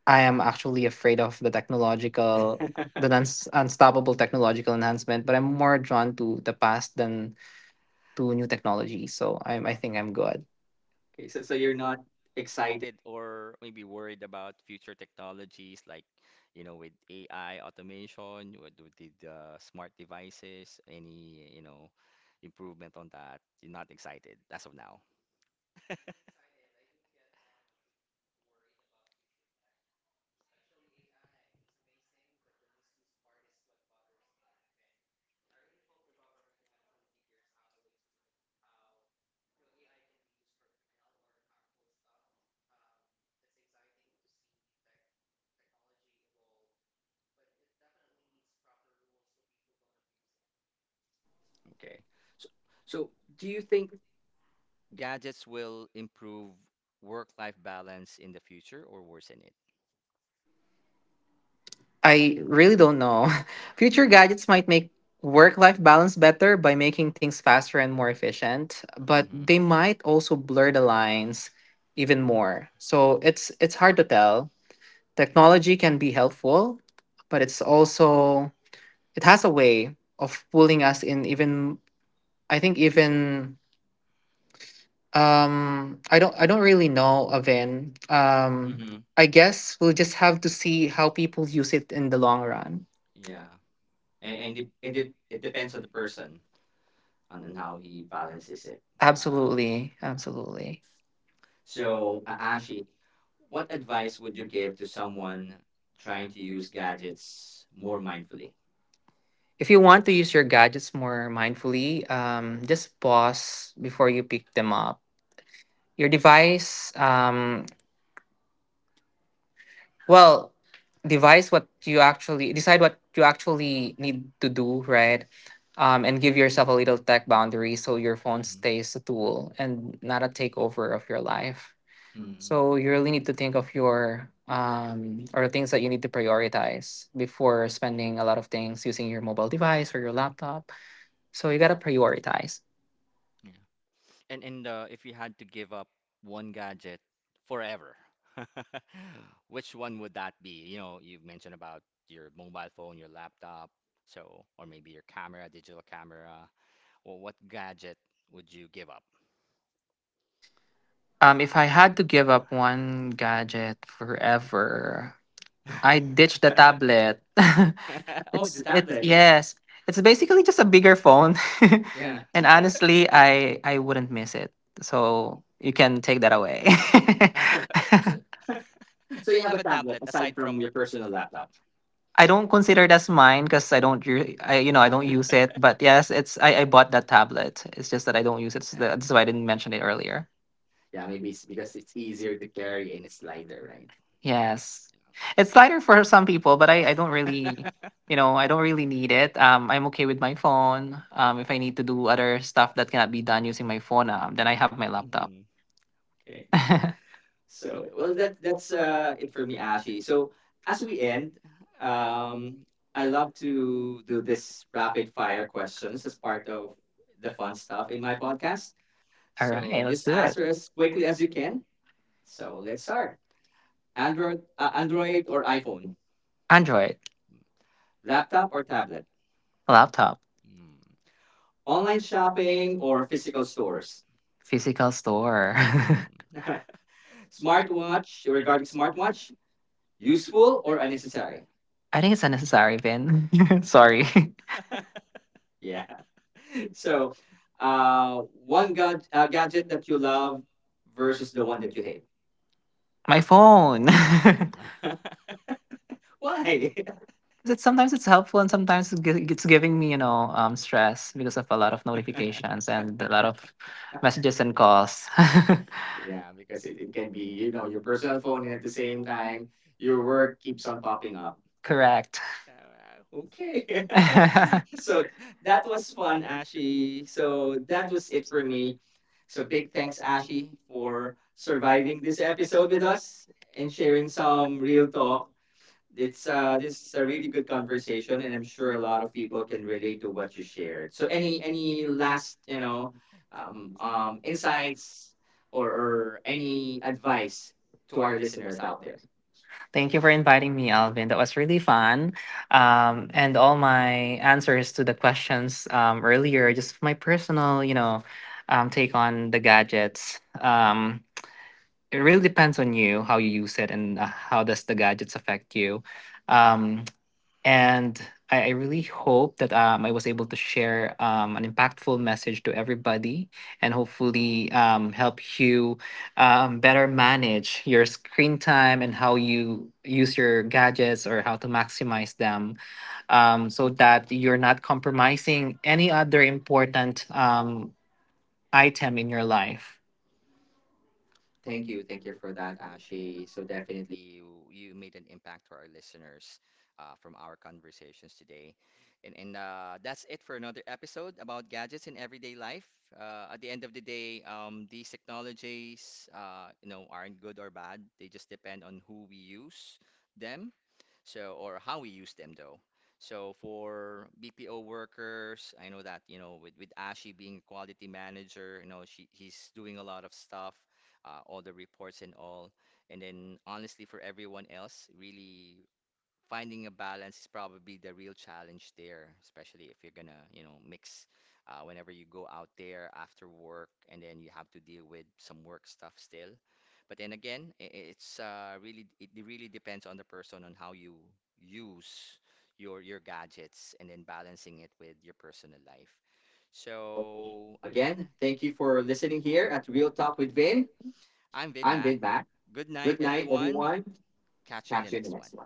[SPEAKER 2] I am actually afraid of the technological, the uns- unstoppable technological enhancement, but I'm more drawn to the past than to new technology. So I'm, I think I'm good.
[SPEAKER 1] Okay, so
[SPEAKER 2] So
[SPEAKER 1] so you're
[SPEAKER 2] you're
[SPEAKER 1] not
[SPEAKER 2] not.
[SPEAKER 1] excited or maybe worried about future technologies like, you know, with A I automation, with with the the smart devices, any, you know, improvement on that. You're not excited as of now. Okay. So so do you think gadgets will improve work-life balance in the future or worsen it?
[SPEAKER 2] I really don't know. Future gadgets might make work life balance better by making things faster and more efficient, but
[SPEAKER 1] Mm-hmm.
[SPEAKER 2] they might also blur the lines even more. So it's it's hard to tell. Technology can be helpful, but it's also it has a way of pulling us in even I think even um I don't I don't really know, Aven. um
[SPEAKER 1] Mm-hmm.
[SPEAKER 2] Mhm. I guess we'll just have to see how people use it in the long run.
[SPEAKER 1] Yeah. And and it, and it, it depends on the person on, on how he balances it. Uh,
[SPEAKER 2] Absolutely,
[SPEAKER 1] Yeah.
[SPEAKER 2] absolutely.
[SPEAKER 1] So,
[SPEAKER 2] So
[SPEAKER 1] uh, Ashi, what advice
[SPEAKER 2] I
[SPEAKER 1] would you give
[SPEAKER 2] give
[SPEAKER 1] to
[SPEAKER 2] to
[SPEAKER 1] someone trying to
[SPEAKER 2] to
[SPEAKER 1] use
[SPEAKER 2] use that.
[SPEAKER 1] gadgets more mindfully?
[SPEAKER 2] If you want to use your gadgets more mindfully, um just pause before you pick them up your device um Well, devise what you actually decide what you actually need to do, right? Um, and give yourself a little tech boundary so your phone
[SPEAKER 1] Hmm.
[SPEAKER 2] stays a tool and not a takeover of your life. Mhm.
[SPEAKER 1] Mm.
[SPEAKER 2] So you really need to think of your um, or the things that you need to prioritize before spending a lot of things using your mobile device or your laptop. So you gotta prioritize.
[SPEAKER 1] Yeah. And and uh, if you had to give up one gadget forever, which one would that be? You know, you mentioned about your mobile phone, your laptop, so or maybe your camera, digital camera. Well, what gadget would you give up?
[SPEAKER 2] Um, if I had to give up one gadget forever, I ditched the tablet.
[SPEAKER 1] Oh, the
[SPEAKER 2] Right.
[SPEAKER 1] tablet, yeah.
[SPEAKER 2] Yes. It's basically just a bigger phone.
[SPEAKER 1] Yeah.
[SPEAKER 2] Yeah. And honestly, I I wouldn't miss it. So you can take that away.
[SPEAKER 1] So, so
[SPEAKER 2] So you
[SPEAKER 1] you have
[SPEAKER 2] have
[SPEAKER 1] a
[SPEAKER 2] a tablet
[SPEAKER 1] tablet aside
[SPEAKER 2] aside
[SPEAKER 1] from
[SPEAKER 2] from
[SPEAKER 1] your
[SPEAKER 2] your
[SPEAKER 1] personal
[SPEAKER 2] personal
[SPEAKER 1] laptop.
[SPEAKER 2] laptop. I don't consider that's mine because I don't re- I you know I don't use it. But yes, it's I, I bought that tablet. It's just that I don't use it. So
[SPEAKER 1] Uh,
[SPEAKER 2] that's why I didn't mention it earlier. Yeah,
[SPEAKER 1] yeah,
[SPEAKER 2] maybe
[SPEAKER 1] maybe
[SPEAKER 2] it's
[SPEAKER 1] it's
[SPEAKER 2] because
[SPEAKER 1] because
[SPEAKER 2] it's
[SPEAKER 1] it's easier
[SPEAKER 2] easier to
[SPEAKER 1] to
[SPEAKER 2] carry
[SPEAKER 1] carry
[SPEAKER 2] and
[SPEAKER 1] and
[SPEAKER 2] it's
[SPEAKER 1] it's lighter, right?
[SPEAKER 2] Yes. It's lighter for some people, but I, I don't really you know, I don't really need it. Um, I'm okay with my phone. Um, if I need to do other stuff that cannot be done using my phone, um, then I have my
[SPEAKER 1] Yeah.
[SPEAKER 2] laptop.
[SPEAKER 1] Hmm.
[SPEAKER 2] Okay.
[SPEAKER 1] Okay. So,
[SPEAKER 2] So,
[SPEAKER 1] well,
[SPEAKER 2] well,
[SPEAKER 1] that
[SPEAKER 2] that, that's
[SPEAKER 1] that's uh,
[SPEAKER 2] uh,
[SPEAKER 1] it
[SPEAKER 2] it for
[SPEAKER 1] for me,
[SPEAKER 2] me, Asi.
[SPEAKER 1] Ashi. So,
[SPEAKER 2] So,
[SPEAKER 1] as
[SPEAKER 2] as
[SPEAKER 1] we
[SPEAKER 2] we end,
[SPEAKER 1] end,
[SPEAKER 2] uh,
[SPEAKER 1] um, I
[SPEAKER 2] I
[SPEAKER 1] love
[SPEAKER 2] love to
[SPEAKER 1] to do
[SPEAKER 2] do this.
[SPEAKER 1] this rapid fire questions as part of the fun stuff in my podcast.
[SPEAKER 2] All right,
[SPEAKER 1] So,
[SPEAKER 2] let's
[SPEAKER 1] just
[SPEAKER 2] do it.
[SPEAKER 1] answer as quickly as you can. So, let's start. Android,
[SPEAKER 2] Android,
[SPEAKER 1] uh, Android or iPhone?
[SPEAKER 2] Android, laptop,
[SPEAKER 1] Laptop or tablet?
[SPEAKER 2] laptop,
[SPEAKER 1] Hmm. Online shopping
[SPEAKER 2] shopping,
[SPEAKER 1] or
[SPEAKER 2] or
[SPEAKER 1] physical
[SPEAKER 2] physical s-
[SPEAKER 1] stores?
[SPEAKER 2] physical store.
[SPEAKER 1] Mm.
[SPEAKER 2] Smart
[SPEAKER 1] Smartwatch, regarding
[SPEAKER 2] regard
[SPEAKER 1] smartwatch, useful
[SPEAKER 2] useful.
[SPEAKER 1] or unnecessary?
[SPEAKER 2] I think it's unnecessary, Ben. Sorry.
[SPEAKER 1] Yeah.
[SPEAKER 2] Yeah.
[SPEAKER 1] So,
[SPEAKER 2] So,
[SPEAKER 1] uh,
[SPEAKER 2] uh,
[SPEAKER 1] one
[SPEAKER 2] one
[SPEAKER 1] gad uh, gadget
[SPEAKER 2] that
[SPEAKER 1] that you
[SPEAKER 2] you
[SPEAKER 1] love
[SPEAKER 2] love
[SPEAKER 1] versus
[SPEAKER 2] versus
[SPEAKER 1] the
[SPEAKER 2] the one
[SPEAKER 1] one
[SPEAKER 2] that
[SPEAKER 1] that
[SPEAKER 2] you
[SPEAKER 1] you hate.
[SPEAKER 2] hate? My phone.
[SPEAKER 1] Why?
[SPEAKER 2] Because it's sometimes it's helpful and sometimes it's gi- it's giving me, you know, um stress because of a lot of notifications and a lot of messages and calls. Yeah,
[SPEAKER 1] Yeah,
[SPEAKER 2] it
[SPEAKER 1] because it,
[SPEAKER 2] it
[SPEAKER 1] it can
[SPEAKER 2] can be,
[SPEAKER 1] be,
[SPEAKER 2] you
[SPEAKER 1] you know,
[SPEAKER 2] know,
[SPEAKER 1] your
[SPEAKER 2] your birth
[SPEAKER 1] personal phone and at the
[SPEAKER 2] the
[SPEAKER 1] same
[SPEAKER 2] same,
[SPEAKER 1] time,
[SPEAKER 2] your
[SPEAKER 1] your work
[SPEAKER 2] work.
[SPEAKER 1] keeps on popping up.
[SPEAKER 2] Correct.
[SPEAKER 1] Uh, okay.
[SPEAKER 2] Okay,
[SPEAKER 1] So
[SPEAKER 2] so
[SPEAKER 1] that
[SPEAKER 2] that was
[SPEAKER 1] was fun,
[SPEAKER 2] actually
[SPEAKER 1] Ashy. So
[SPEAKER 2] so
[SPEAKER 1] that was
[SPEAKER 2] that's
[SPEAKER 1] it
[SPEAKER 2] it
[SPEAKER 1] for
[SPEAKER 2] for
[SPEAKER 1] me.
[SPEAKER 2] me.
[SPEAKER 1] So big
[SPEAKER 2] Thanks
[SPEAKER 1] thanks,
[SPEAKER 2] for
[SPEAKER 1] Ashi, for
[SPEAKER 2] surviving
[SPEAKER 1] surviving
[SPEAKER 2] the
[SPEAKER 1] this episode
[SPEAKER 2] episode
[SPEAKER 1] with
[SPEAKER 2] with us
[SPEAKER 1] us and
[SPEAKER 2] and
[SPEAKER 1] sharing
[SPEAKER 2] sharing some
[SPEAKER 1] some real
[SPEAKER 2] real
[SPEAKER 1] talk.
[SPEAKER 2] thoughts.
[SPEAKER 1] It's uh, this is
[SPEAKER 2] It's a
[SPEAKER 1] a really
[SPEAKER 2] really
[SPEAKER 1] good
[SPEAKER 2] good conversation
[SPEAKER 1] conversation,
[SPEAKER 2] and
[SPEAKER 1] and I'm sure
[SPEAKER 2] a
[SPEAKER 1] a
[SPEAKER 2] lot
[SPEAKER 1] lot
[SPEAKER 2] of
[SPEAKER 1] of people can
[SPEAKER 2] can relate
[SPEAKER 1] relate
[SPEAKER 2] to
[SPEAKER 1] to what
[SPEAKER 2] what
[SPEAKER 1] you
[SPEAKER 2] you
[SPEAKER 1] shared.
[SPEAKER 2] shared.
[SPEAKER 1] So
[SPEAKER 2] So
[SPEAKER 1] any
[SPEAKER 2] any
[SPEAKER 1] any
[SPEAKER 2] any last,
[SPEAKER 1] last you
[SPEAKER 2] you
[SPEAKER 1] know
[SPEAKER 2] know,
[SPEAKER 1] um, um,
[SPEAKER 2] um
[SPEAKER 1] insights
[SPEAKER 2] or,
[SPEAKER 1] or,
[SPEAKER 2] or
[SPEAKER 1] or any
[SPEAKER 2] advice
[SPEAKER 1] advice to
[SPEAKER 2] to
[SPEAKER 1] our
[SPEAKER 2] our
[SPEAKER 1] listeners
[SPEAKER 2] listeners?
[SPEAKER 1] out there?
[SPEAKER 2] Thank you for inviting me, Alvin. That was really fun. Um, and all my answers to the questions um, earlier, just my personal, you know, um, take on the gadgets. Um, it really depends on you how you use it and uh, how does the gadgets affect you. Um, And I, I really hope that um, I was able to share um, an impactful message to everybody and hopefully um, help you um, better manage your screen time and how you use your gadgets or how to maximize them, um, so that you're not compromising any other important um, item in your life.
[SPEAKER 1] Thank
[SPEAKER 2] Thank
[SPEAKER 1] you.
[SPEAKER 2] you.
[SPEAKER 1] Thank
[SPEAKER 2] Thank
[SPEAKER 1] you for that,
[SPEAKER 2] you.
[SPEAKER 1] Ashi. So
[SPEAKER 2] So definitely.
[SPEAKER 1] definitely you, you made an impact to our listeners uh, from our conversations today. And, and uh, that's it for another episode about gadgets in everyday life. Uh, at the end of the day, um, these technologies uh, you know, aren't good or bad. They just depend on who we use them so, or how we use them though. So for B P O workers, I know that, you know, with, with Ashi being a quality manager, you know, she, he's doing a lot of stuff, uh, all the reports and all. And then honestly, for everyone else, really finding a balance is probably the real challenge there, especially if you're gonna, you know, mix uh, whenever you go out there after work and then you have to deal with some work stuff still. But then again, i- i- it's uh, really it really depends on the person on how you use your your gadgets and then balancing it with your personal life.
[SPEAKER 2] So
[SPEAKER 1] So again,
[SPEAKER 2] again,
[SPEAKER 1] thank
[SPEAKER 2] thank
[SPEAKER 1] you
[SPEAKER 2] you
[SPEAKER 1] for
[SPEAKER 2] for
[SPEAKER 1] listening
[SPEAKER 2] listening
[SPEAKER 1] here
[SPEAKER 2] here
[SPEAKER 1] at
[SPEAKER 2] at
[SPEAKER 1] Real
[SPEAKER 2] Real
[SPEAKER 1] Talk
[SPEAKER 2] Talk
[SPEAKER 1] with
[SPEAKER 2] with
[SPEAKER 1] Vin.
[SPEAKER 2] Vin.
[SPEAKER 1] I'm
[SPEAKER 2] I'm
[SPEAKER 1] Vin
[SPEAKER 2] Vin
[SPEAKER 1] Mac.
[SPEAKER 2] Bat.
[SPEAKER 1] Good night,
[SPEAKER 2] Thank Everyone.
[SPEAKER 1] everyone. Catch you in the next one.